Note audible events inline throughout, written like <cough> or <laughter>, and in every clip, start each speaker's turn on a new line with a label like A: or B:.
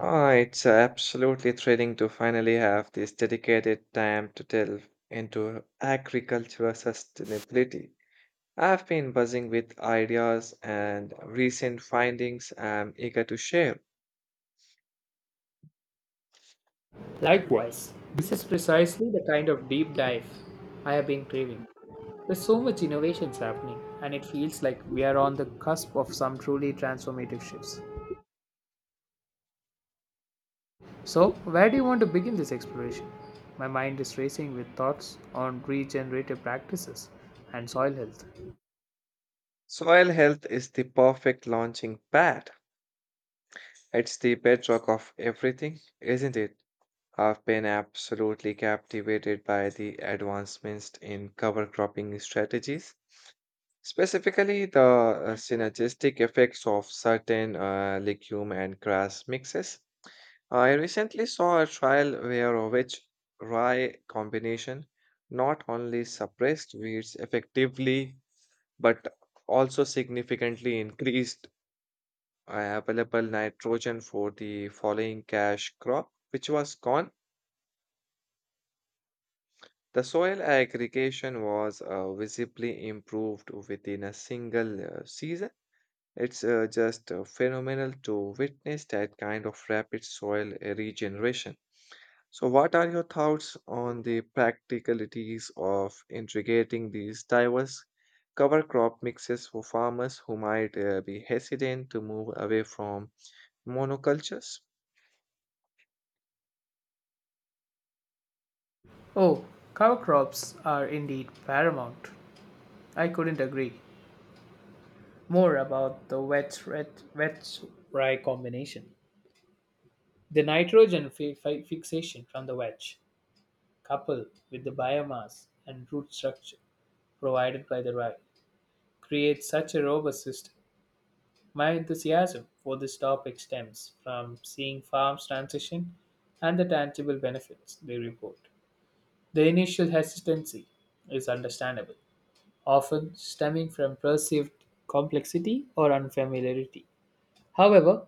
A: Ah, it's absolutely thrilling to finally have this dedicated time to delve into agricultural sustainability. I've been buzzing with ideas and recent findings I'm eager to share.
B: Likewise, this is precisely the kind of deep dive I have been craving. There's so much innovations happening, and it feels like we are on the cusp of some truly transformative shifts. So, where do you want to begin this exploration? My mind is racing with thoughts on regenerative practices and soil health.
A: Soil health is the perfect launching pad. It's the bedrock of everything, isn't it? I've been absolutely captivated by the advancements in cover cropping strategies. Specifically, the synergistic effects of certain legume and grass mixes. I recently saw a trial where a rich rye combination not only suppressed weeds effectively but also significantly increased available nitrogen for the following cash crop, which was corn. The soil aggregation was visibly improved within a single season. It's just phenomenal to witness that kind of rapid soil regeneration. So, what are your thoughts on the practicalities of integrating these diverse cover crop mixes for farmers who might be hesitant to move away from monocultures?
B: Oh, cover crops are indeed paramount. I couldn't agree more about the wet rye combination. The nitrogen fixation from the wedge coupled with the biomass and root structure provided by the rye, creates such a robust system. My enthusiasm for this topic stems from seeing farms transition and the tangible benefits they report. The initial hesitancy is understandable, often stemming from perceived complexity or unfamiliarity. However,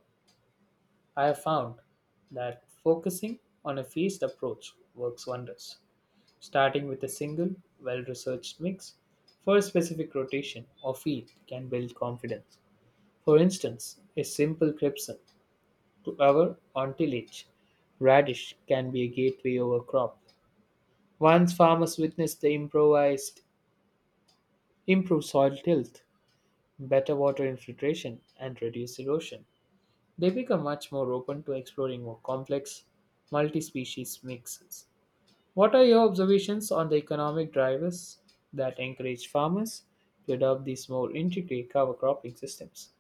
B: I have found that focusing on a phased approach works wonders. Starting with a single, well researched mix for a specific rotation or feed can build confidence. For instance, a simple crepson to our on radish can be a gateway over crop. Once farmers witness the improvised improved soil tilth, better water infiltration, and reduced erosion, they become much more open to exploring more complex multi-species mixes. What are your observations on the economic drivers that encourage farmers to adopt these more integrated cover cropping systems?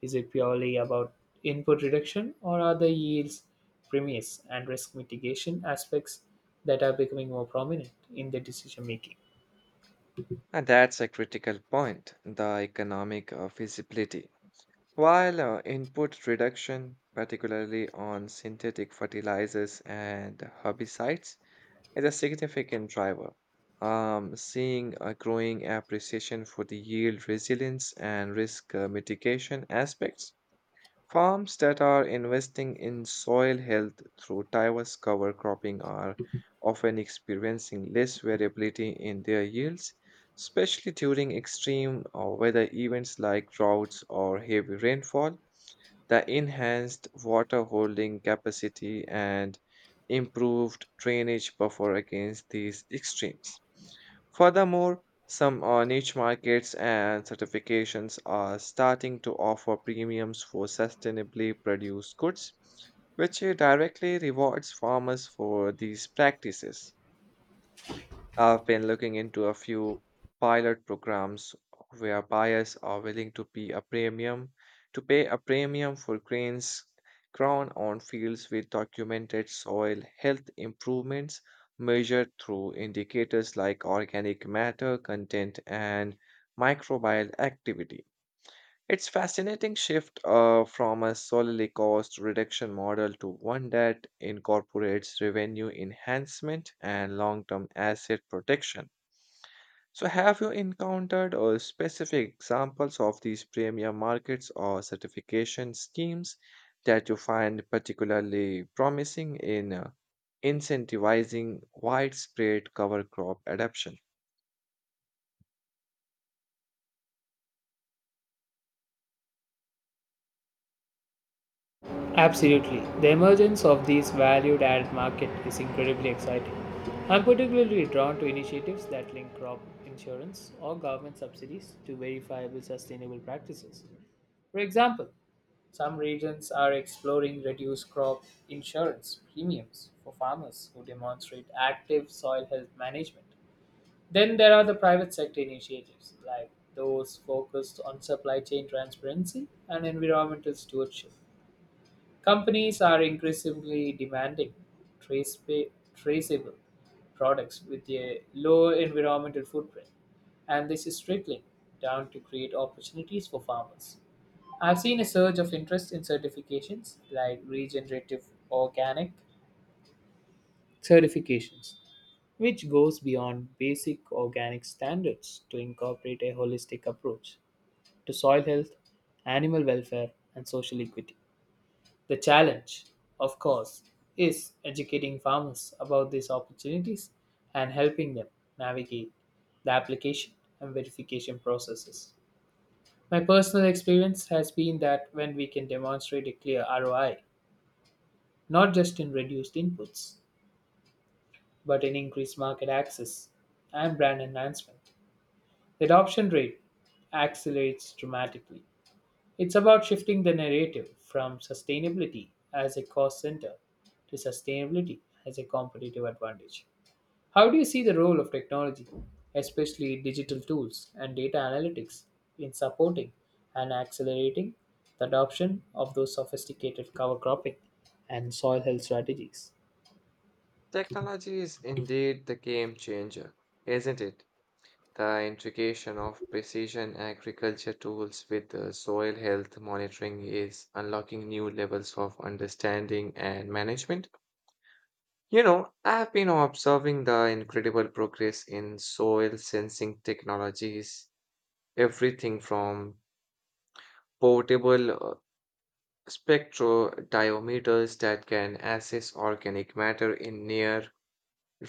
B: Is it purely about input reduction, or are the yields, premiums, and risk mitigation aspects that are becoming more prominent in the decision making?
A: And that's a critical point, the economic feasibility. While input reduction, particularly on synthetic fertilizers and herbicides, is a significant driver, seeing a growing appreciation for the yield resilience and risk mitigation aspects. Farms that are investing in soil health through diverse cover cropping are often experiencing less variability in their yields, especially during extreme weather events like droughts or heavy rainfall. The enhanced water holding capacity and improved drainage buffer against these extremes. Furthermore, some niche markets and certifications are starting to offer premiums for sustainably produced goods, which directly rewards farmers for these practices. I've been looking into a few pilot programs where buyers are willing to pay a premium for grains grown on fields with documented soil health improvements measured through indicators like organic matter content and microbial activity. It's fascinating shift from a solely cost reduction model to one that incorporates revenue enhancement and long-term asset protection. So, have you encountered specific examples of these premier markets or certification schemes that you find particularly promising in incentivizing widespread cover crop adoption?
B: Absolutely. The emergence of these valued added market is incredibly exciting. I'm particularly drawn to initiatives that link crop insurance or government subsidies to verifiable sustainable practices. For example, some regions are exploring reduced crop insurance premiums for farmers who demonstrate active soil health management. Then there are the private sector initiatives like those focused on supply chain transparency and environmental stewardship. Companies are increasingly demanding traceable products with a low environmental footprint, and this is trickling down to create opportunities for farmers. I've seen a surge of interest in certifications like regenerative organic certifications, which goes beyond basic organic standards to incorporate a holistic approach to soil health, animal welfare, and social equity. The challenge, of course, is educating farmers about these opportunities and helping them navigate the application and verification processes. My personal experience has been that when we can demonstrate a clear ROI not just in reduced inputs, but in increased market access and brand enhancement. The adoption rate accelerates dramatically. It's about shifting the narrative from sustainability as a cost center to sustainability as a competitive advantage. How do you see the role of technology, especially digital tools and data analytics, in supporting and accelerating the adoption of those sophisticated cover cropping and soil health strategies?
A: Technology is indeed the game changer, isn't it? The integration of precision agriculture tools with soil health monitoring is unlocking new levels of understanding and management. You know, I've been observing the incredible progress in soil sensing technologies, everything from portable spectrodiometers that can assess organic matter in near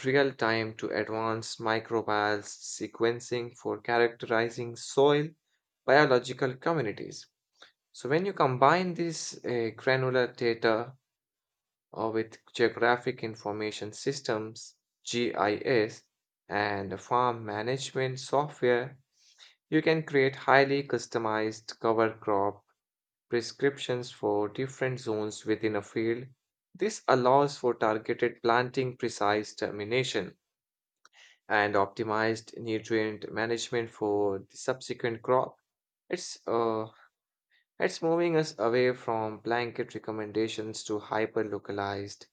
A: real time to advanced microbial sequencing for characterizing soil biological communities. So, when you combine this granular data with geographic information systems, GIS, and farm management software, you can create highly customized cover crop prescriptions for different zones within a field. This allows for targeted planting, precise termination, and optimized nutrient management for the subsequent crop. It's uh, it's moving us away from blanket recommendations to hyper-localized,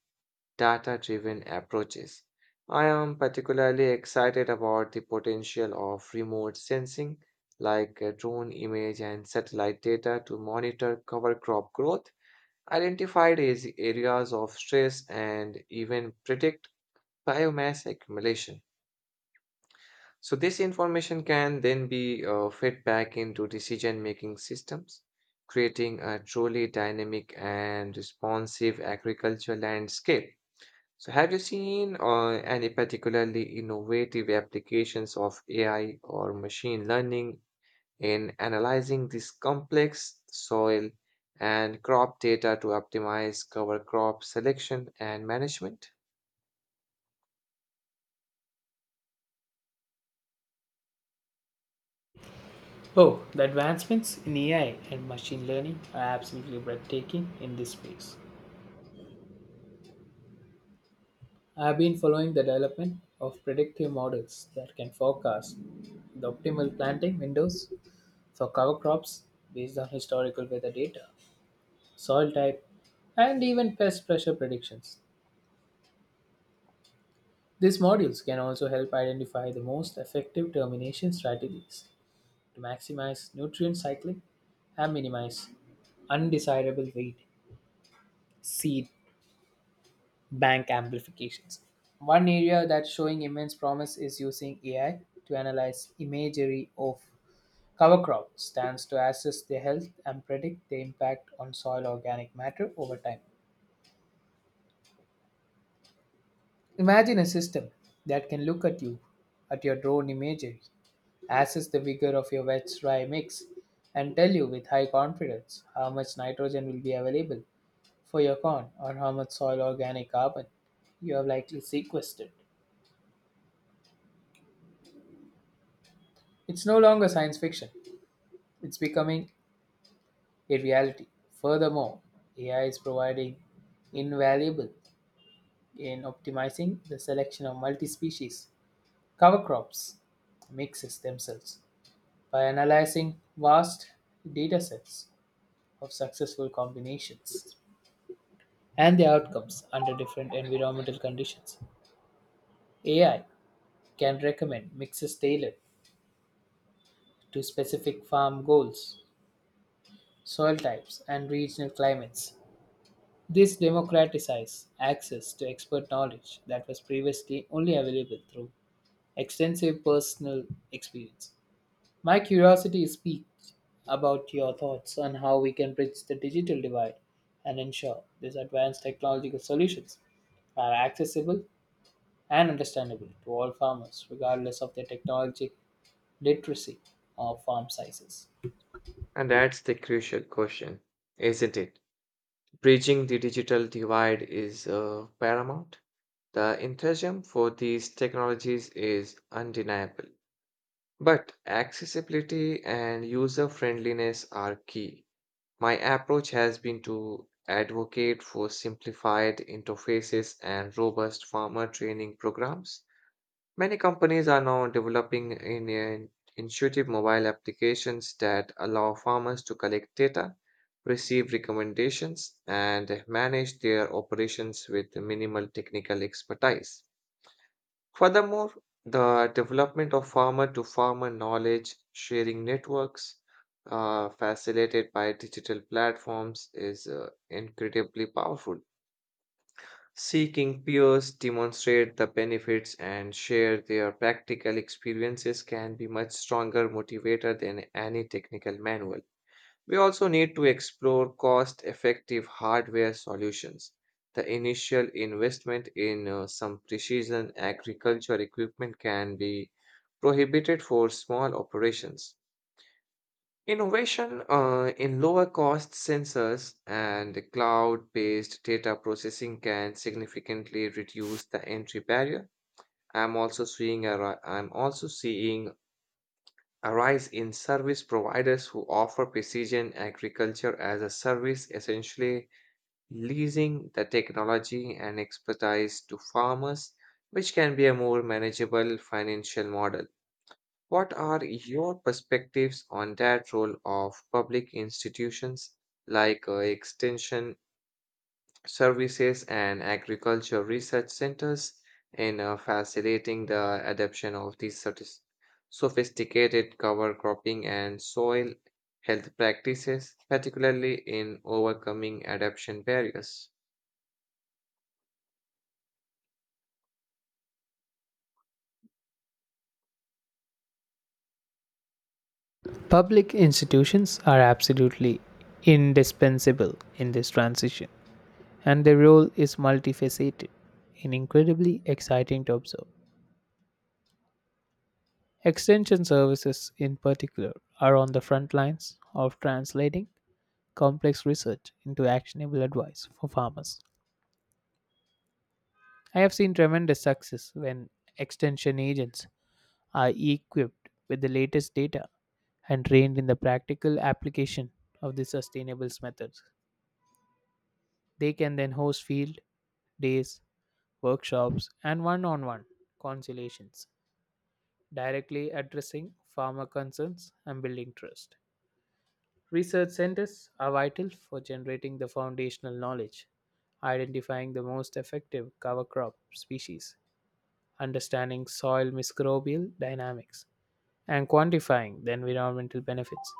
A: data-driven approaches. I am particularly excited about the potential of remote sensing, like drone image and satellite data to monitor cover crop growth, identify as areas of stress, and even predict biomass accumulation. So this information can then be fed back into decision-making systems, creating a truly dynamic and responsive agricultural landscape. So have you seen any particularly innovative applications of AI or machine learning in analyzing this complex soil and crop data to optimize cover crop selection and management?
B: Oh, the advancements in AI and machine learning are absolutely breathtaking in this space. I have been following the development of predictive models that can forecast the optimal planting windows for cover crops based on historical weather data, soil type, and even pest pressure predictions. These modules can also help identify the most effective termination strategies to maximize nutrient cycling and minimize undesirable weed, seed, bank amplifications. One area that's showing immense promise is using AI to analyze imagery of cover crop stands to assess their health and predict the impact on soil organic matter over time. Imagine a system that can look at you, at your drone imagery, assess the vigor of your wet dry mix, and tell you with high confidence how much nitrogen will be available for your corn or how much soil organic carbon you have likely sequestered. It's no longer science fiction. It's becoming a reality. Furthermore, AI is providing invaluable in optimizing the selection of multi-species cover crops mixes themselves by analyzing vast datasets of successful combinations and their outcomes under different environmental conditions. AI can recommend mixes tailored to specific farm goals, soil types, and regional climates. This democratizes access to expert knowledge that was previously only available through extensive personal experience. My curiosity is piqued about your thoughts on how we can bridge the digital divide and ensure these advanced technological solutions are accessible and understandable to all farmers, regardless of their technology literacy or farm sizes.
A: And that's the crucial question, isn't it? Bridging the digital divide is paramount. The enthusiasm for these technologies is undeniable, but accessibility and user friendliness are key. My approach has been to advocate for simplified interfaces and robust farmer training programs. Many companies are now developing intuitive mobile applications that allow farmers to collect data, receive recommendations, and manage their operations with minimal technical expertise. Furthermore, the development of farmer to farmer knowledge sharing networks facilitated by digital platforms is incredibly powerful. Seeking peers demonstrate the benefits and share their practical experiences can be much stronger motivator than any technical manual. We also need to explore cost effective hardware solutions. The initial investment in some precision agriculture equipment can be prohibited for small operations. Innovation in lower cost sensors and cloud based data processing can significantly reduce the entry barrier. I'm also seeing a rise in service providers who offer precision agriculture as a service, essentially leasing the technology and expertise to farmers, which can be a more manageable financial model. What are your perspectives on that role of public institutions like extension services and agriculture research centers in facilitating the adoption of these sophisticated cover cropping and soil health practices, particularly in overcoming adoption barriers?
B: Public institutions are absolutely indispensable in this transition and their role is multifaceted and incredibly exciting to observe. Extension services, in particular, are on the front lines of translating complex research into actionable advice for farmers. I have seen tremendous success when extension agents are equipped with the latest data and trained in the practical application of the sustainables methods. They can then host field days, workshops, and one on one conciliations directly addressing farmer concerns and building trust. Research centers are vital for generating the foundational knowledge, identifying the most effective cover crop species, understanding soil microbial dynamics, and quantifying the environmental benefits.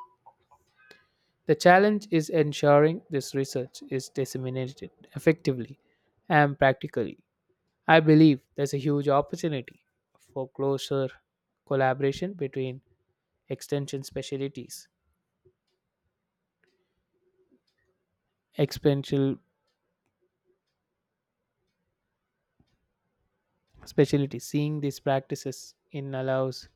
B: The challenge is ensuring this research is disseminated effectively and practically. I believe there's a huge opportunity for closer collaboration between extension specialties. Exponential specialties. Seeing these practices in allows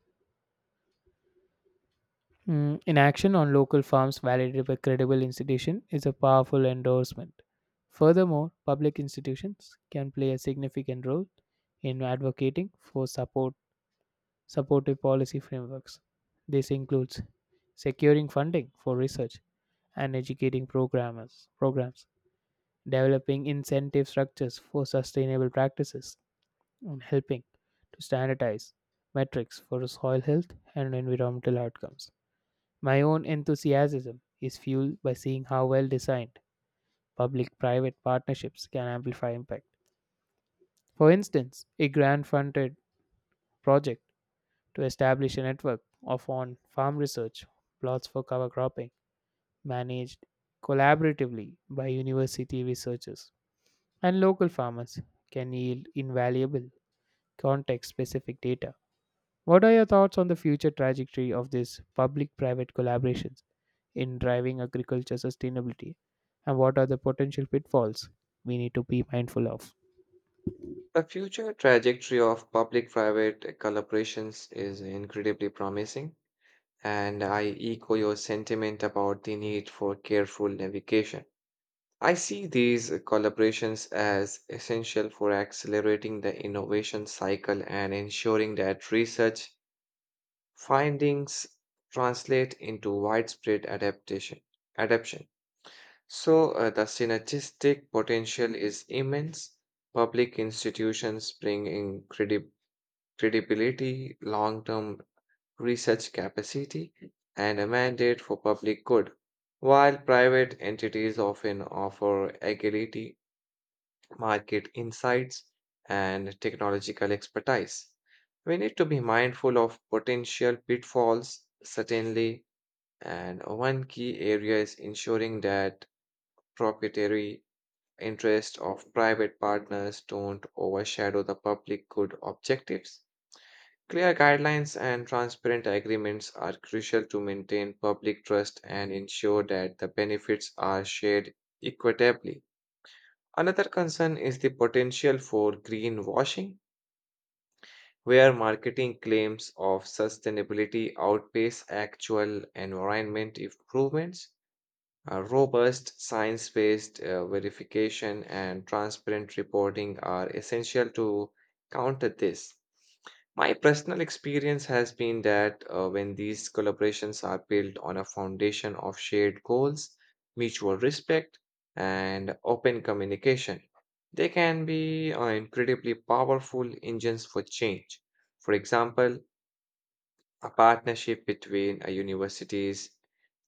B: in action on local farms validated by credible institution is a powerful endorsement. Furthermore, public institutions can play a significant role in advocating for supportive policy frameworks. This includes securing funding for research and educating programmers, programs, developing incentive structures for sustainable practices, and helping to standardize metrics for soil health and environmental outcomes. My own enthusiasm is fueled by seeing how well designed public private partnerships can amplify impact. For instance, a grant funded project to establish a network of on farm research plots for cover cropping managed collaboratively by university researchers and local farmers can yield invaluable context specific data. What are your thoughts on the future trajectory of these public private collaborations in driving agriculture sustainability and what are the potential pitfalls we need to be mindful of?
A: The future trajectory of public private collaborations is incredibly promising, and I echo your sentiment about the need for careful navigation. I see these collaborations as essential for accelerating the innovation cycle and ensuring that research findings translate into widespread adaptation. So, the synergistic potential is immense. Public institutions bring in credibility, long term research capacity, and a mandate for public good, while private entities often offer agility, market insights, and technological expertise. We need to be mindful of potential pitfalls, certainly, and one key area is ensuring that proprietary interests of private partners don't overshadow the public good objectives. Clear guidelines and transparent agreements are crucial to maintain public trust and ensure that the benefits are shared equitably. Another concern is the potential for greenwashing, where marketing claims of sustainability outpace actual environment improvements. Robust, science based verification and transparent reporting are essential to counter this. My personal experience has been that when these collaborations are built on a foundation of shared goals, mutual respect, and open communication, they can be incredibly powerful engines for change. For example, a partnership between a university's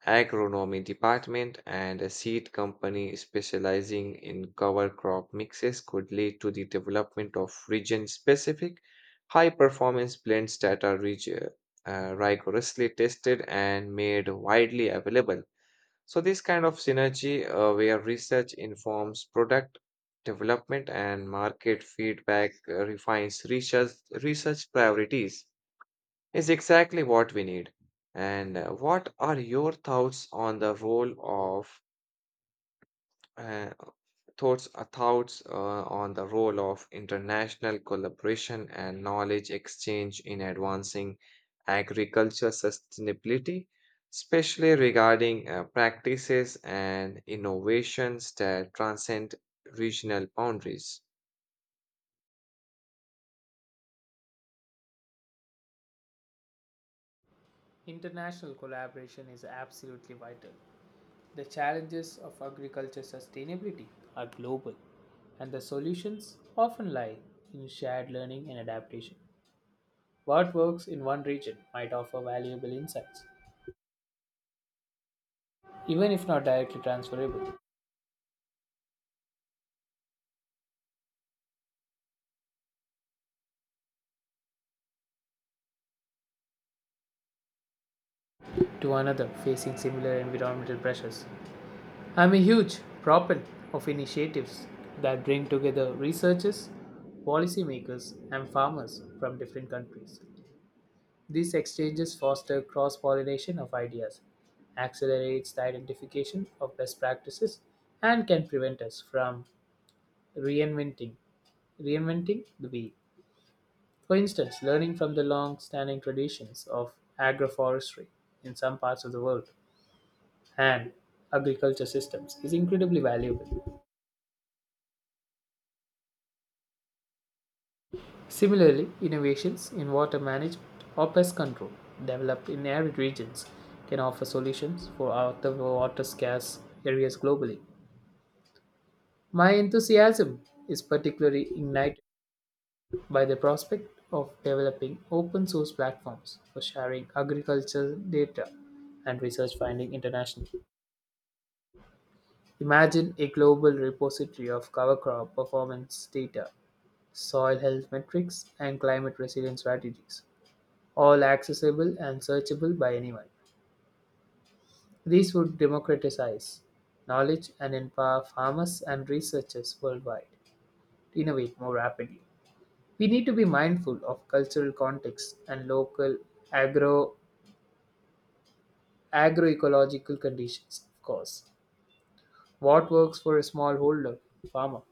A: agronomy department and a seed company specializing in cover crop mixes could lead to the development of region specific high performance blends that are rigorously tested and made widely available. So, this kind of synergy where research informs product development and market feedback refines research priorities is exactly what we need. And what are your thoughts on the role of uh, thoughts thoughts on the role of international collaboration and knowledge exchange in advancing agriculture sustainability, especially regarding practices and innovations that transcend regional boundaries?
B: International collaboration is absolutely vital. The challenges of agriculture sustainability are global, and the solutions often lie in shared learning and adaptation. What works in one region might offer valuable insights, even if not directly transferable, to another facing similar environmental pressures. I am a huge proponent of initiatives that bring together researchers, policymakers, and farmers from different countries. These exchanges foster cross pollination of ideas, accelerates the identification of best practices, and can prevent us from reinventing reinventing the wheel. For instance, learning from the long standing traditions of agroforestry in some parts of the world and agriculture systems is incredibly valuable. Similarly, innovations in water management or pest control developed in arid regions can offer solutions for other water scarce areas globally. My enthusiasm is particularly ignited by the prospect of developing open source platforms for sharing agricultural data and research finding internationally. Imagine a global repository of cover crop performance data, soil health metrics, and climate resilience strategies, all accessible and searchable by anyone. These would democratize knowledge and empower farmers and researchers worldwide to innovate more rapidly. We need to be mindful of cultural context and local agro agroecological conditions, of course. What works for a smallholder farmer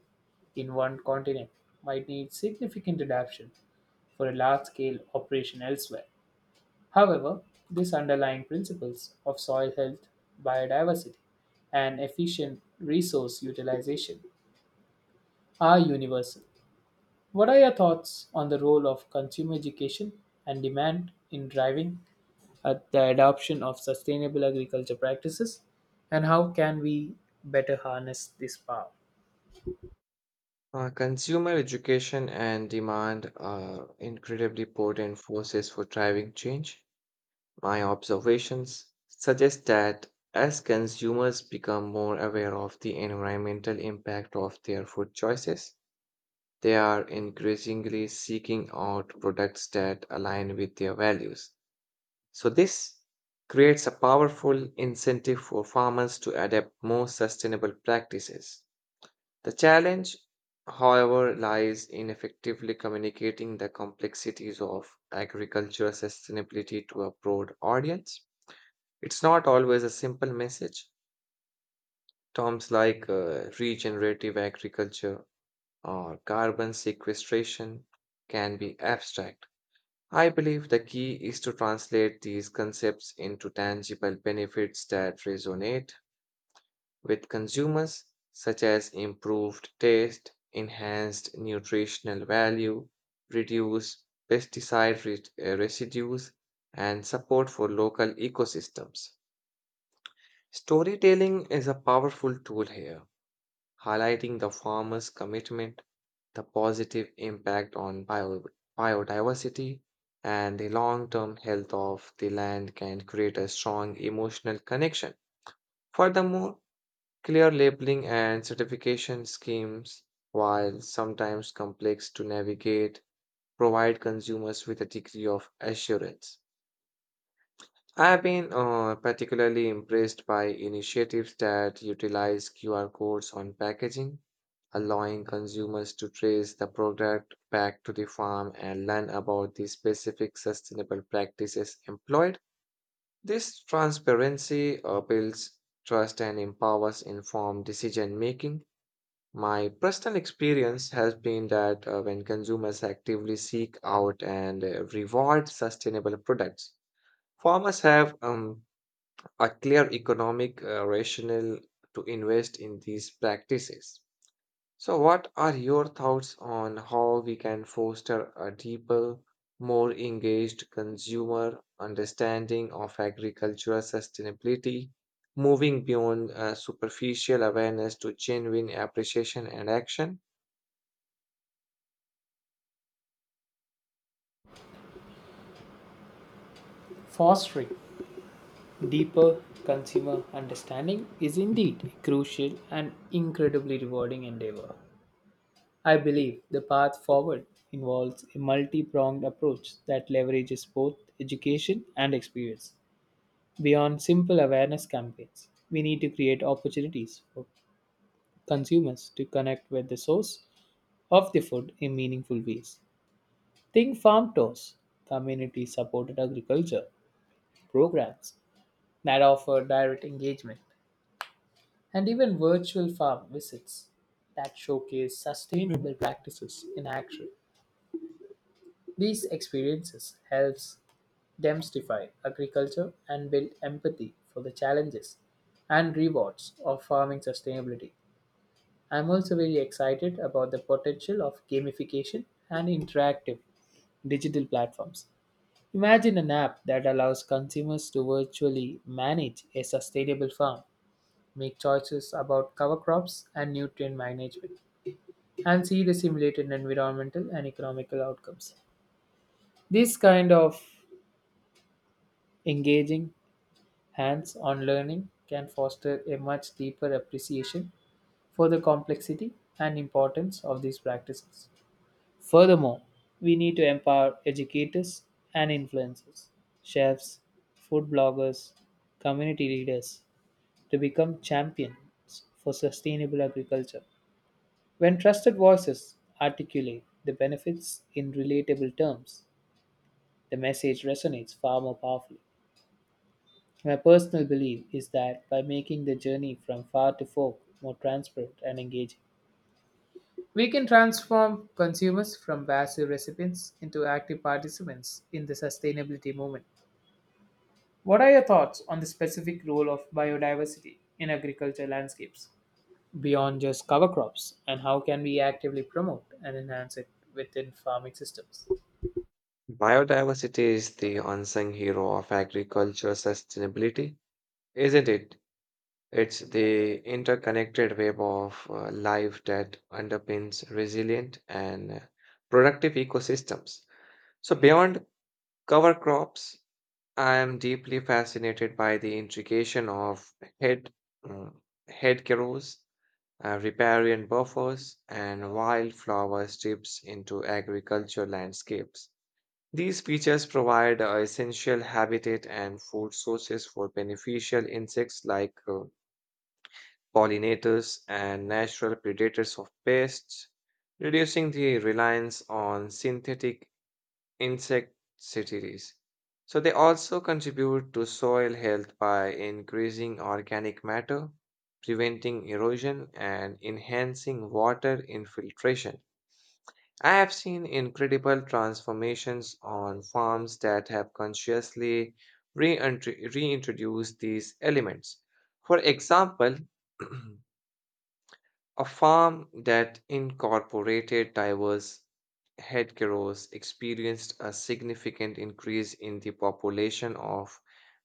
B: in one continent might need significant adaptation for a large scale operation elsewhere. However, these underlying principles of soil health, biodiversity, and efficient resource utilization are universal. What are your thoughts on the role of consumer education and demand in driving the adoption of sustainable agriculture practices, and how can we better harness this power?
A: Consumer education and demand are incredibly potent forces for driving change. My observations suggest that as consumers become more aware of the environmental impact of their food choices, they are increasingly seeking out products that align with their values. So, this creates a powerful incentive for farmers to adapt more sustainable practices. The challenge, however, lies in effectively communicating the complexities of agricultural sustainability to a broad audience. It's not always a simple message. Terms like regenerative agriculture or carbon sequestration can be abstract. I believe the key is to translate these concepts into tangible benefits that resonate with consumers, such as improved taste, enhanced nutritional value, reduced pesticide residues, and support for local ecosystems. Storytelling is a powerful tool here. Highlighting the farmer's commitment, the positive impact on biodiversity, and the long term health of the land can create a strong emotional connection. Furthermore, clear labeling and certification schemes, while sometimes complex to navigate, provide consumers with a degree of assurance. I've been particularly impressed by initiatives that utilize QR codes on packaging, allowing consumers to trace the product back to the farm and learn about the specific sustainable practices employed. This transparency builds trust and empowers informed decision making. My personal experience has been that when consumers actively seek out and reward sustainable products, farmers have a clear economic rationale to invest in these practices. So, what are your thoughts on how we can foster a deeper, more engaged consumer understanding of agricultural sustainability, moving beyond superficial awareness to genuine appreciation and action?
B: Fostering deeper consumer understanding is indeed a crucial and incredibly rewarding endeavor. I believe the path forward involves a multi pronged approach that leverages both education and experience. Beyond simple awareness campaigns, we need to create opportunities for consumers to connect with the source of the food in meaningful ways. Think farm tours, community supported agriculture programs that offer direct engagement, and even virtual farm visits that showcase sustainable practices in action. These experiences helps demystify agriculture and build empathy for the challenges and rewards of farming sustainability. I'm also very excited about the potential of gamification and interactive digital platforms. Imagine an app that allows consumers to virtually manage a sustainable farm, make choices about cover crops and nutrient management, and see the simulated environmental and economical outcomes. This kind of engaging hands-on learning can foster a much deeper appreciation for the complexity and importance of these practices. Furthermore, we need to empower educators and influencers, chefs, food bloggers, community leaders to become champions for sustainable agriculture. When trusted voices articulate the benefits in relatable terms, the message resonates far more powerfully. My personal belief is that by making the journey from far to fork more transparent and engaging, we can transform consumers from passive recipients into active participants in the sustainability movement. What are your thoughts on the specific role of biodiversity in agriculture landscapes beyond just cover crops and how can we actively promote and enhance it within farming systems?
A: Biodiversity is the unsung hero of agricultural sustainability, isn't it? It's the interconnected web of life that underpins resilient and productive ecosystems. So, beyond cover crops, I am deeply fascinated by the integration of head, mm, head carrows, riparian buffers, and wildflower strips into agriculture landscapes. These features provide essential habitat and food sources for beneficial insects like pollinators, and natural predators of pests, reducing the reliance on synthetic insecticides. So, they also contribute to soil health by increasing organic matter, preventing erosion, and enhancing water infiltration. I have seen incredible transformations on farms that have consciously reintroduced these elements. For example, <clears throat> a farm that incorporated diverse headgerows experienced a significant increase in the population of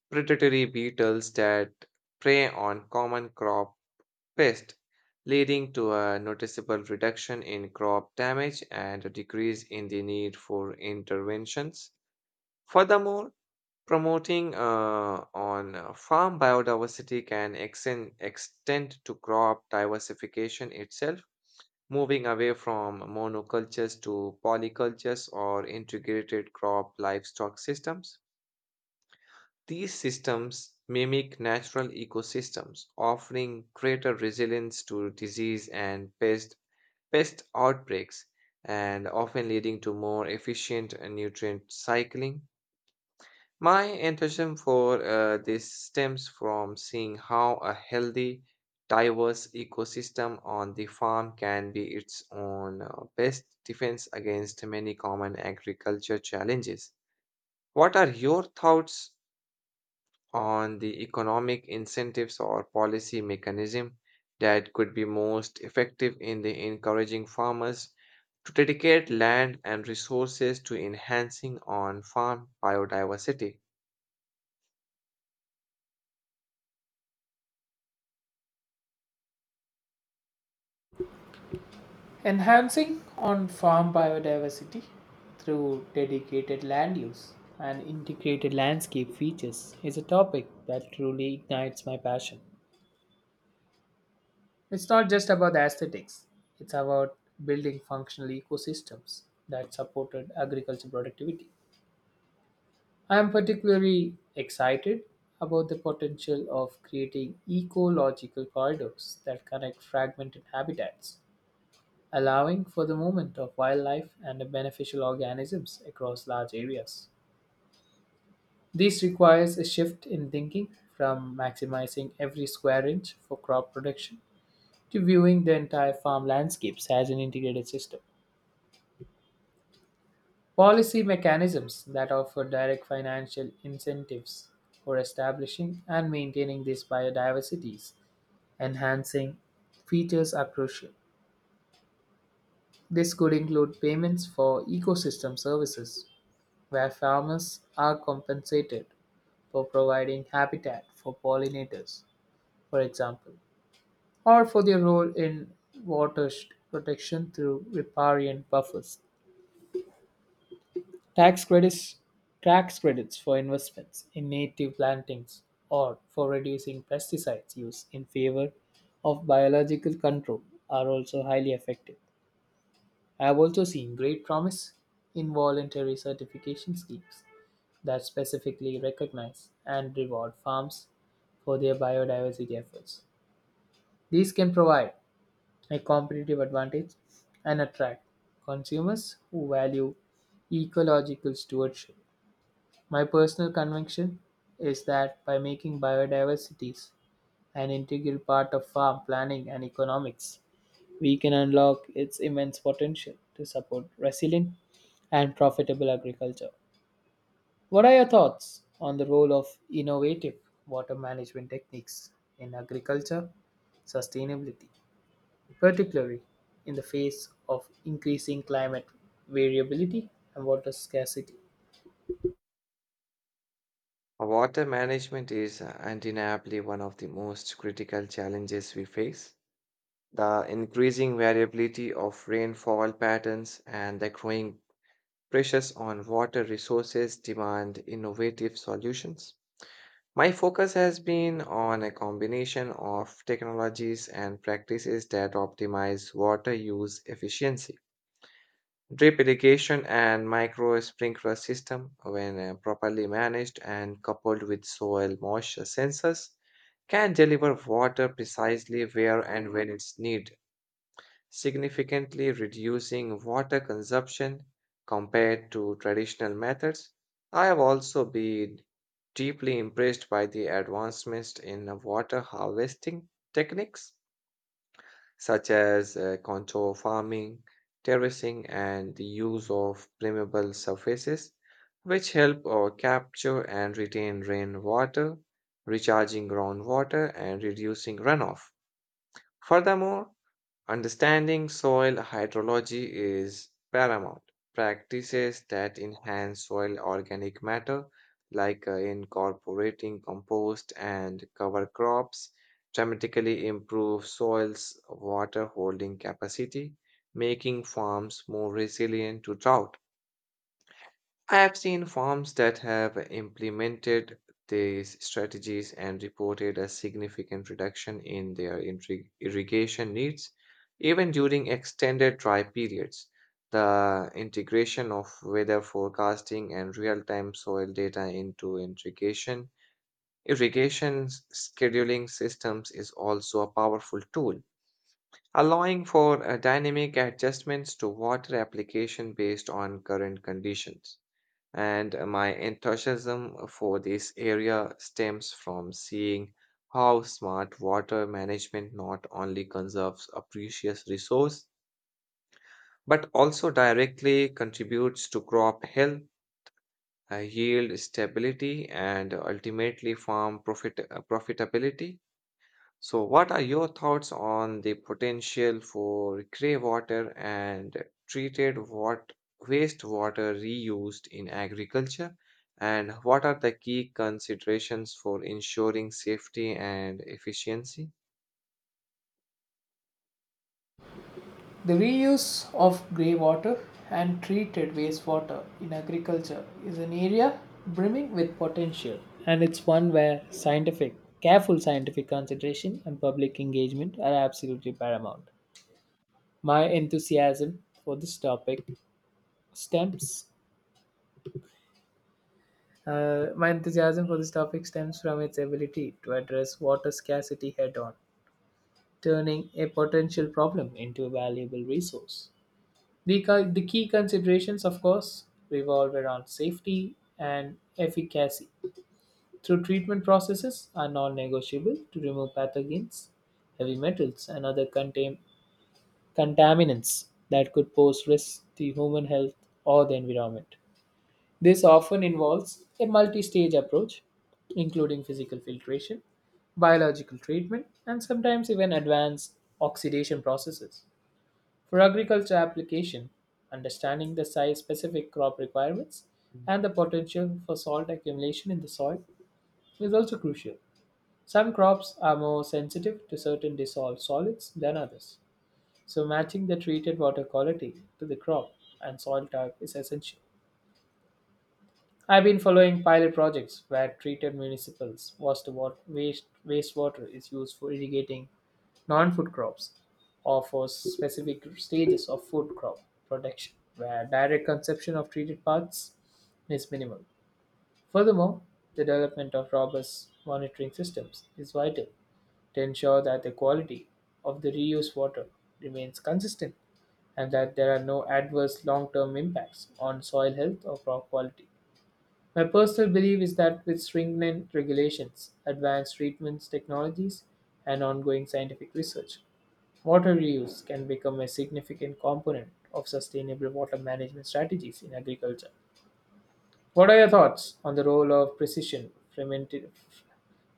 A: predatory beetles that prey on common crop pests, leading to a noticeable reduction in crop damage and a decrease in the need for interventions. Furthermore, promoting on farm biodiversity can extend to crop diversification itself, moving away from monocultures to polycultures or integrated crop livestock systems. These systems mimic natural ecosystems, offering greater resilience to disease and pest outbreaks, and often leading to more efficient nutrient cycling. My enthusiasm for this stems from seeing how a healthy, diverse ecosystem on the farm can be its own best defense against many common agriculture challenges. What are your thoughts on the economic incentives or policy mechanism that could be most effective in the encouraging farmers to dedicate land and resources to enhancing on-farm biodiversity?
B: Enhancing on farm biodiversity through dedicated land use and integrated landscape features is a topic that truly ignites my passion. It's not just about the aesthetics, it's about building functional ecosystems that supported agricultural productivity. I am particularly excited about the potential of creating ecological corridors that connect fragmented habitats, allowing for the movement of wildlife and beneficial organisms across large areas. This requires a shift in thinking from maximizing every square inch for crop production to viewing the entire farm landscapes as an integrated system. Policy mechanisms that offer direct financial incentives for establishing and maintaining these biodiversities, enhancing features, are crucial. This could include payments for ecosystem services, where farmers are compensated for providing habitat for pollinators, for example, or for their role in protection through riparian buffers. Tax credits, tax credits for investments in native plantings or for reducing pesticides use in favor of biological control are also highly effective. I have also seen great promise in voluntary certification schemes that specifically recognize and reward farms for their biodiversity efforts. These can provide a competitive advantage and attract consumers who value ecological stewardship. My personal conviction is that by making biodiversity an integral part of farm planning and economics, we can unlock its immense potential to support resilient and profitable agriculture. What are your thoughts on the role of innovative water management techniques in agriculture sustainability, particularly in the face of increasing climate variability and water scarcity?
A: Water management is undeniably one of the most critical challenges we face. The increasing variability of rainfall patterns and the growing pressures on water resources demand innovative solutions. My focus has been on a combination of technologies and practices that optimize water use efficiency. Drip irrigation and micro sprinkler system, when properly managed and coupled with soil moisture sensors, can deliver water precisely where and when it's needed, significantly reducing water consumption compared to traditional methods. I have also been deeply impressed by the advancements in water harvesting techniques such as contour farming, terracing, and the use of permeable surfaces, which help capture and retain rainwater, recharging groundwater, and reducing runoff. Furthermore, understanding soil hydrology is paramount. Practices that enhance soil organic matter, like incorporating compost and cover crops, dramatically improve soil's water holding capacity, making farms more resilient to drought. I have seen farms that have implemented these strategies and reported a significant reduction in their irrigation needs, even during extended dry periods. The integration of weather forecasting and real-time soil data into irrigation scheduling systems is also a powerful tool, allowing for dynamic adjustments to water application based on current conditions, and my enthusiasm for this area stems from seeing how smart water management not only conserves a precious resource but also directly contributes to crop health, yield stability, and ultimately farm profitability. So, what are your thoughts on the potential for grey water and treated wat- wastewater reused in agriculture? And what are the key considerations for ensuring safety and efficiency?
B: The reuse of grey water and treated wastewater in agriculture is an area brimming with potential, and it's one where scientific, careful scientific consideration and public engagement are absolutely paramount. My enthusiasm for this topic stems my enthusiasm for this topic stems from its ability to address water scarcity head on, turning a potential problem into a valuable resource. The key considerations, of course, revolve around safety and efficacy. Through treatment processes are non negotiable to remove pathogens, heavy metals, and other contaminants that could pose risks to human health or the environment. This often involves a multi stage approach, including physical filtration, biological treatment, and sometimes even advanced oxidation processes. For agriculture application, understanding the size specific crop requirements and the potential for salt accumulation in the soil is also crucial. Some crops are more sensitive to certain dissolved solids than others, so matching the treated water quality to the crop and soil type is essential. I've been following pilot projects where treated municipals wastewater is used for irrigating non-food crops or for specific stages of food crop production where direct consumption of treated parts is minimal. Furthermore, the development of robust monitoring systems is vital to ensure that the quality of the reused water remains consistent and that there are no adverse long-term impacts on soil health or crop quality. My personal belief is that with stringent regulations, advanced treatments technologies, and ongoing scientific research, water reuse can become a significant component of sustainable water management strategies in agriculture. What are your thoughts on the role of precision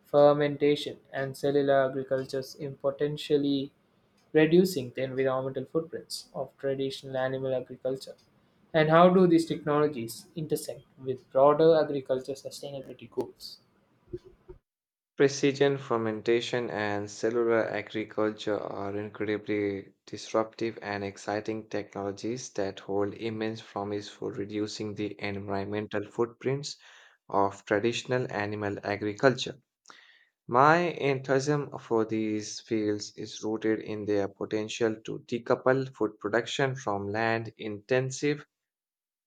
B: fermentation and cellular agricultures in potentially reducing the environmental footprints of traditional animal agriculture? And how do these technologies intersect with broader agriculture sustainability goals?
A: Precision fermentation and cellular agriculture are incredibly disruptive and exciting technologies that hold immense promise for reducing the environmental footprints of traditional animal agriculture. My enthusiasm for these fields is rooted in their potential to decouple food production from land intensive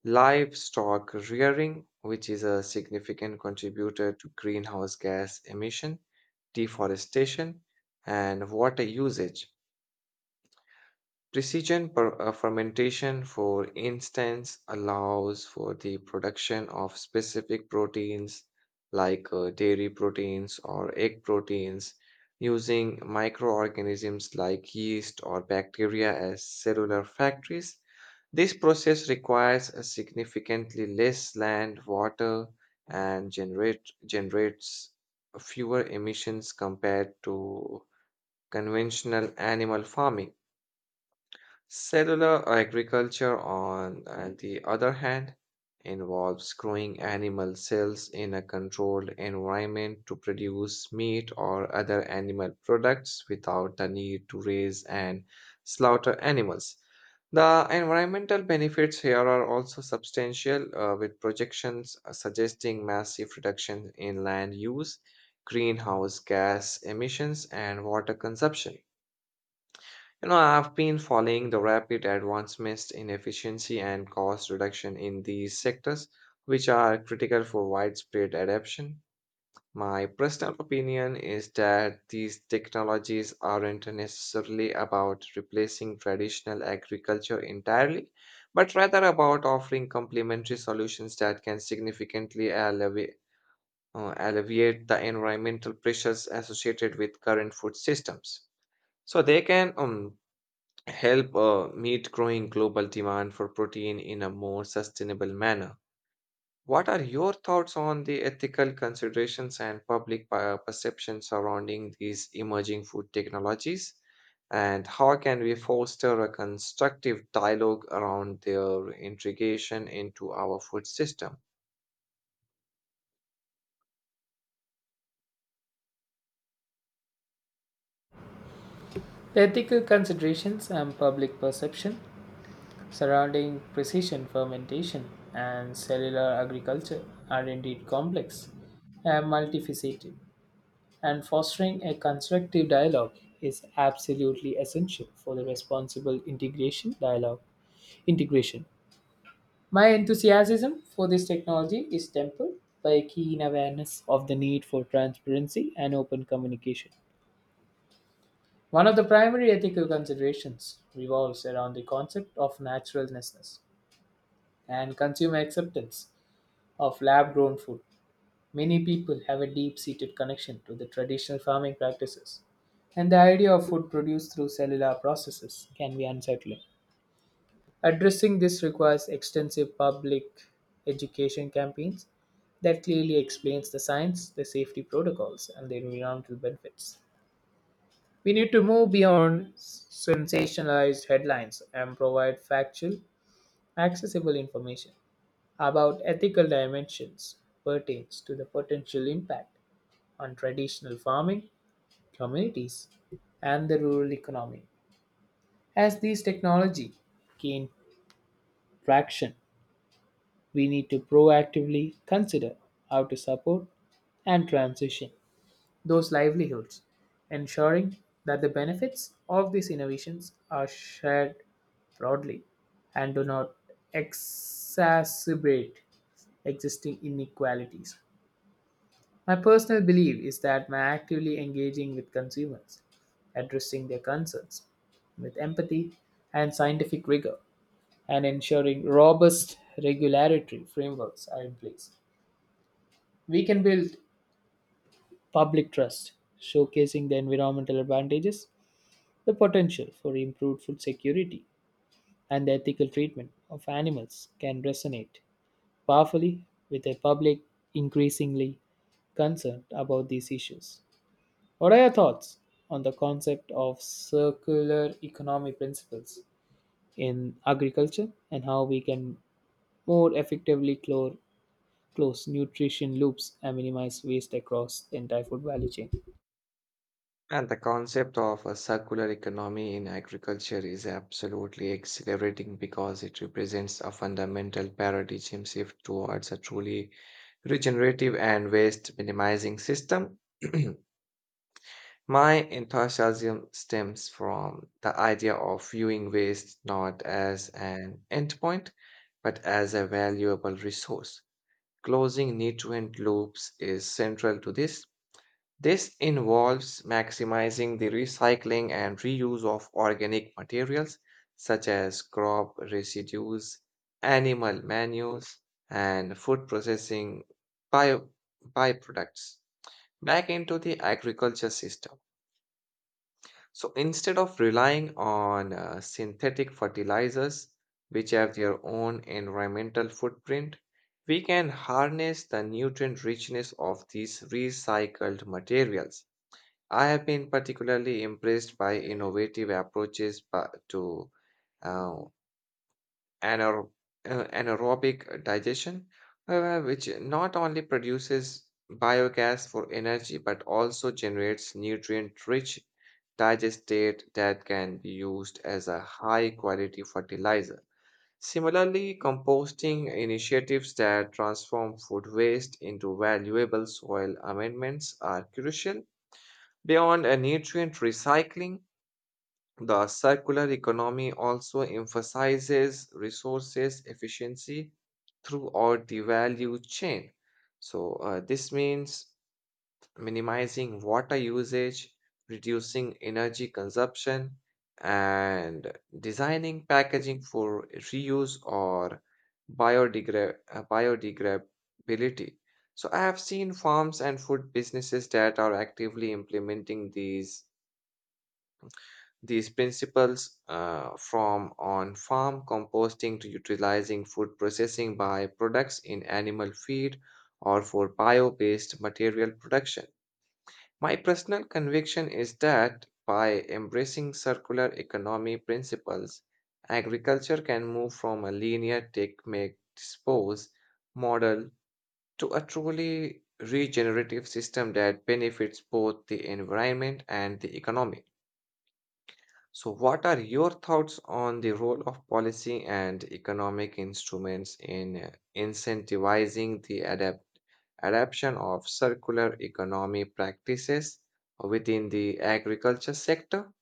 A: livestock rearing, which is a significant contributor to greenhouse gas emission, deforestation, and water usage. Precision fermentation, for instance, allows for the production of specific proteins like dairy proteins or egg proteins using microorganisms like yeast or bacteria as cellular factories. This process requires a significantly less land, water, and generates fewer emissions compared to conventional animal farming. Cellular agriculture, on the other hand, involves growing animal cells in a controlled environment to produce meat or other animal products without the need to raise and slaughter animals. The environmental benefits here are also substantial, with projections suggesting massive reduction in land use, greenhouse gas emissions, and water consumption. You know, I've been following the rapid advancements in efficiency and cost reduction in these sectors, which are critical for widespread adoption. My personal opinion is that these technologies aren't necessarily about replacing traditional agriculture entirely, but rather about offering complementary solutions that can significantly alleviate the environmental pressures associated with current food systems. So they can help meet growing global demand for protein in a more sustainable manner. What are your thoughts on the ethical considerations and public perception surrounding these emerging food technologies? And how can we foster a constructive dialogue around their integration into our food system?
B: The ethical considerations and public perception surrounding precision fermentation and cellular agriculture are indeed complex and multifaceted, and fostering a constructive dialogue is absolutely essential for the responsible integration. My enthusiasm for this technology is tempered by a keen awareness of the need for transparency and open communication. One of the primary ethical considerations revolves around the concept of naturalness and consumer acceptance of lab grown food. Many people have a deep seated connection to the traditional farming practices, and the idea of food produced through cellular processes can be unsettling. Addressing this requires extensive public education campaigns that clearly explains the science, the safety protocols, and the environmental benefits. We need to move beyond sensationalized headlines and provide factual, accessible information about ethical dimensions pertains to the potential impact on traditional farming communities and the rural economy. As these technology gain traction, we need to proactively consider how to support and transition those livelihoods, ensuring that the benefits of these innovations are shared broadly and do not exacerbate existing inequalities. My personal belief is that by actively engaging with consumers, addressing their concerns with empathy and scientific rigor, and ensuring robust regulatory frameworks are in place, we can build public trust, showcasing the environmental advantages, the potential for improved food security, and the ethical treatment of animals can resonate powerfully with a public increasingly concerned about these issues. What are your thoughts on the concept of circular economy principles in agriculture, and how we can more effectively close nutrition loops and minimize waste across the entire food value chain?
A: And the concept of a circular economy in agriculture is absolutely exhilarating because it represents a fundamental paradigm shift towards a truly regenerative and waste minimizing system. <clears throat> My enthusiasm stems from the idea of viewing waste not as an endpoint, but as a valuable resource. Closing nutrient loops is central to this. Involves maximizing the recycling and reuse of organic materials such as crop residues, animal manures, and food processing bio- byproducts back into the agriculture system. So instead of relying on synthetic fertilizers, which have their own environmental footprint, we can harness the nutrient richness of these recycled materials. I have been particularly impressed by innovative approaches to uh, anaer- anaerobic digestion, which not only produces biogas for energy but also generates nutrient-rich digestate that can be used as a high-quality fertilizer. Similarly, composting initiatives that transform food waste into valuable soil amendments are crucial. Beyond a nutrient recycling, the circular economy also emphasizes resources efficiency throughout the value chain. So, this means minimizing water usage, reducing energy consumption, and designing packaging for reuse or biodegradability. So, I have seen farms and food businesses that are actively implementing these principles, from on farm composting to utilizing food processing byproducts in animal feed or for bio based material production. My personal conviction is that by embracing circular economy principles, agriculture can move from a linear take, make, dispose model to a truly regenerative system that benefits both the environment and the economy. So, what are your thoughts on the role of policy and economic instruments in incentivizing the adapt adoption of circular economy practices within the agriculture sector?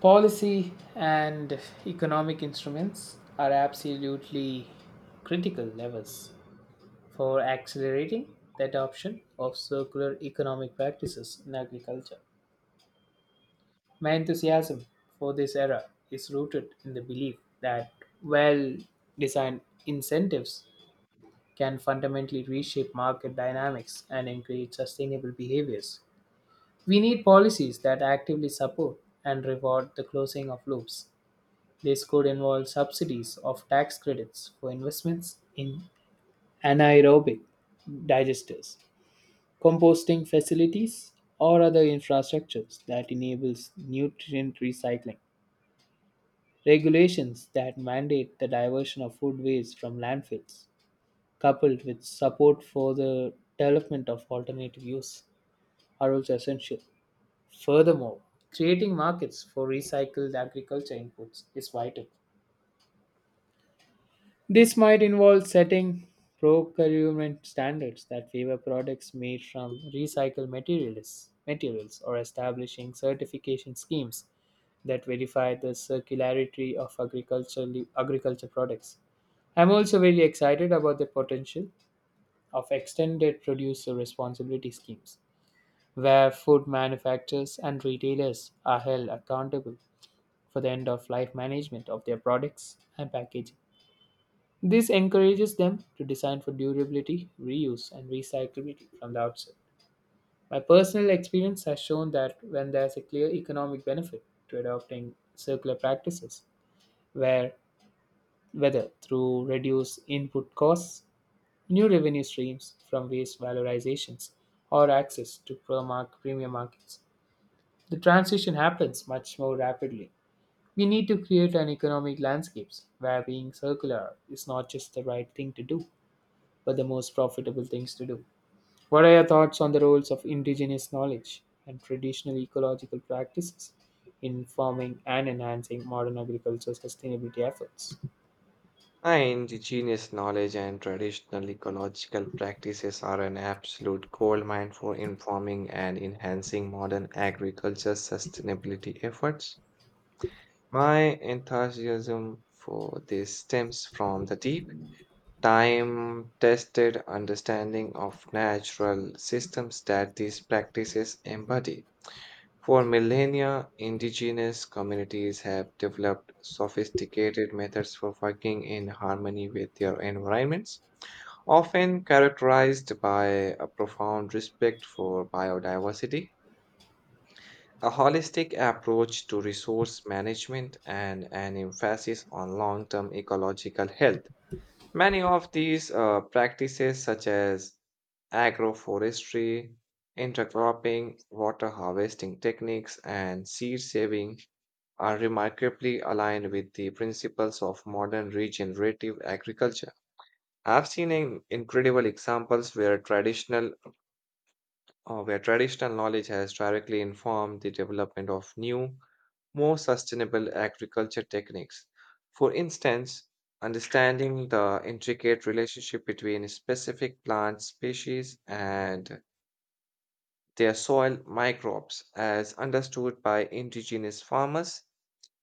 B: Policy and economic instruments are absolutely critical levers for accelerating the adoption of circular economic practices in agriculture. My enthusiasm for this era is rooted in the belief that well designed incentives can fundamentally reshape market dynamics and encourage sustainable behaviors. We need policies that actively support and reward the closing of loops. This could involve subsidies of tax credits for investments in anaerobic digesters, composting facilities, or other infrastructures that enables nutrient recycling. Regulations that mandate the diversion of food waste from landfills, coupled with support for the development of alternative use, are also essential. Furthermore, creating markets for recycled agriculture inputs is vital. This might involve setting procurement standards that favor products made from recycled materials, or establishing certification schemes that verify the circularity of agricultural agriculture products. I'm also very excited about the potential of extended producer responsibility schemes, where food manufacturers and retailers are held accountable for the end of life management of their products and packaging. This encourages them to design for durability, reuse, and recyclability from the outset. My personal experience has shown that when there's a clear economic benefit to adopting circular practices, where whether through reduced input costs, new revenue streams from waste valorizations, or access to premium markets, the transition happens much more rapidly. We need to create an economic landscape where being circular is not just the right thing to do, but the most profitable things to do. What are your thoughts on the roles of indigenous knowledge and traditional ecological practices in forming and enhancing modern agricultural sustainability efforts?
A: And indigenous knowledge and traditional ecological practices are an absolute goldmine for informing and enhancing modern agriculture sustainability efforts. My enthusiasm for this stems from the deep time tested understanding of natural systems that these practices embody. For millennia, indigenous communities have developed sophisticated methods for working in harmony with their environments, often characterized by a profound respect for biodiversity, a holistic approach to resource management, and an emphasis on long term ecological health. Many of these practices, such as agroforestry, intercropping, water harvesting techniques, and seed saving are remarkably aligned with the principles of modern regenerative agriculture. I've seen incredible examples where traditional knowledge has directly informed the development of new, more sustainable agriculture techniques. For instance, understanding the intricate relationship between specific plant species and their soil microbes, as understood by indigenous farmers,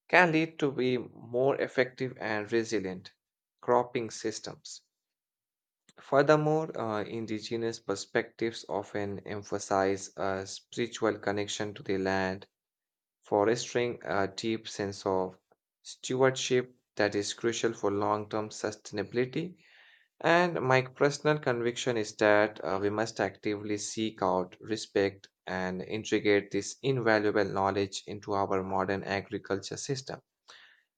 A: can lead to be more effective and resilient cropping systems. Furthermore, indigenous perspectives often emphasize a spiritual connection to the land, fostering a deep sense of stewardship that is crucial for long term sustainability, and my personal conviction is that we must actively seek out, respect, and integrate this invaluable knowledge into our modern agriculture system.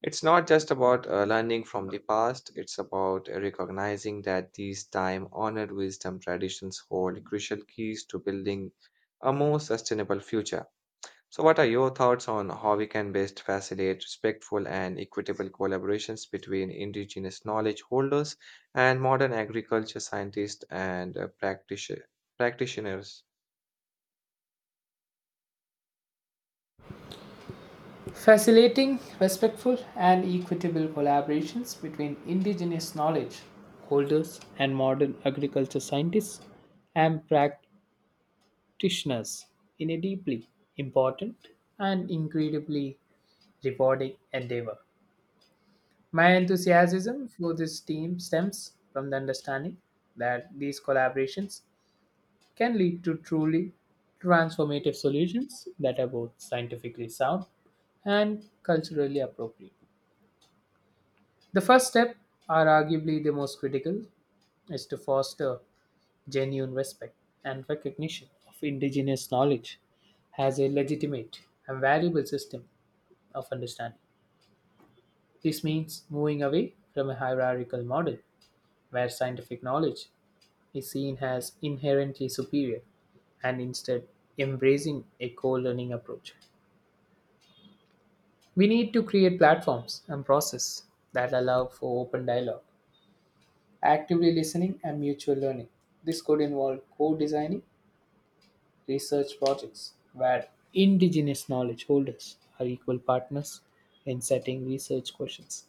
A: It's not just about learning from the past, it's about recognizing that these time honored wisdom traditions hold crucial keys to building a more sustainable future. So, what are your thoughts on how we can best facilitate respectful and equitable collaborations between indigenous knowledge holders and modern agriculture scientists and practitioners?
B: Facilitating respectful and equitable collaborations between indigenous knowledge holders and modern agriculture scientists and practitioners in a deeply important and incredibly rewarding endeavor. My enthusiasm for this team stems from the understanding that these collaborations can lead to truly transformative solutions that are both scientifically sound and culturally appropriate. The first step, are arguably the most critical, is to foster genuine respect and recognition of indigenous knowledge as a legitimate and valuable system of understanding. This means moving away from a hierarchical model where scientific knowledge is seen as inherently superior, and instead embracing a co-learning approach. We need to create platforms and processes that allow for open dialogue, actively listening and mutual learning. This could involve co-designing research projects where indigenous knowledge holders are equal partners in setting research questions,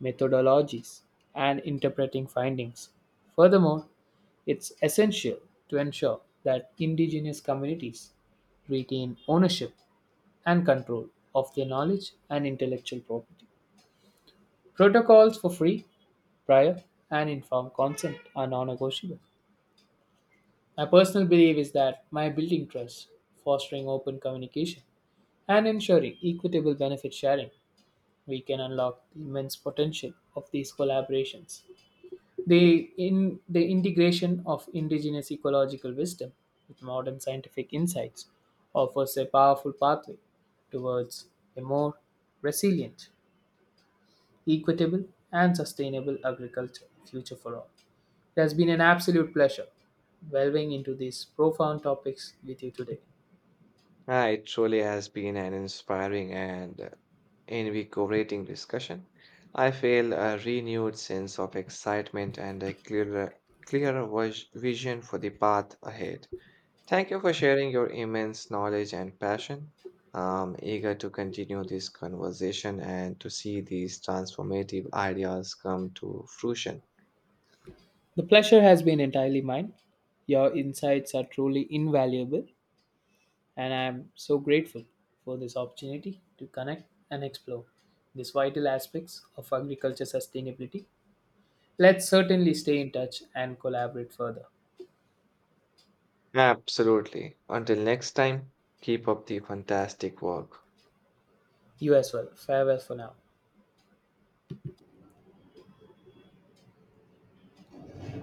B: methodologies, and interpreting findings. Furthermore, it's essential to ensure that indigenous communities retain ownership and control of their knowledge and intellectual property. Protocols for free, prior, and informed consent are non negotiable. My personal belief is that by building trust, fostering open communication, and ensuring equitable benefit sharing, we can unlock the immense potential of these collaborations. The integration of indigenous ecological wisdom with modern scientific insights offers a powerful pathway towards a more resilient, equitable, and sustainable agriculture future for all. It has been an absolute pleasure delving into these profound topics with you today.
A: Ah, it truly has been an inspiring and invigorating discussion. I feel a renewed sense of excitement and a clearer vision for the path ahead. Thank you for sharing your immense knowledge and passion. I'm eager to continue this conversation and to see these transformative ideas come to fruition.
B: The pleasure has been entirely mine. Your insights are truly invaluable, and I am so grateful for this opportunity to connect and explore these vital aspects of agriculture sustainability. Let's certainly stay in touch and collaborate further.
A: Absolutely. Until next time, keep up the fantastic work.
B: You as well. Farewell for now.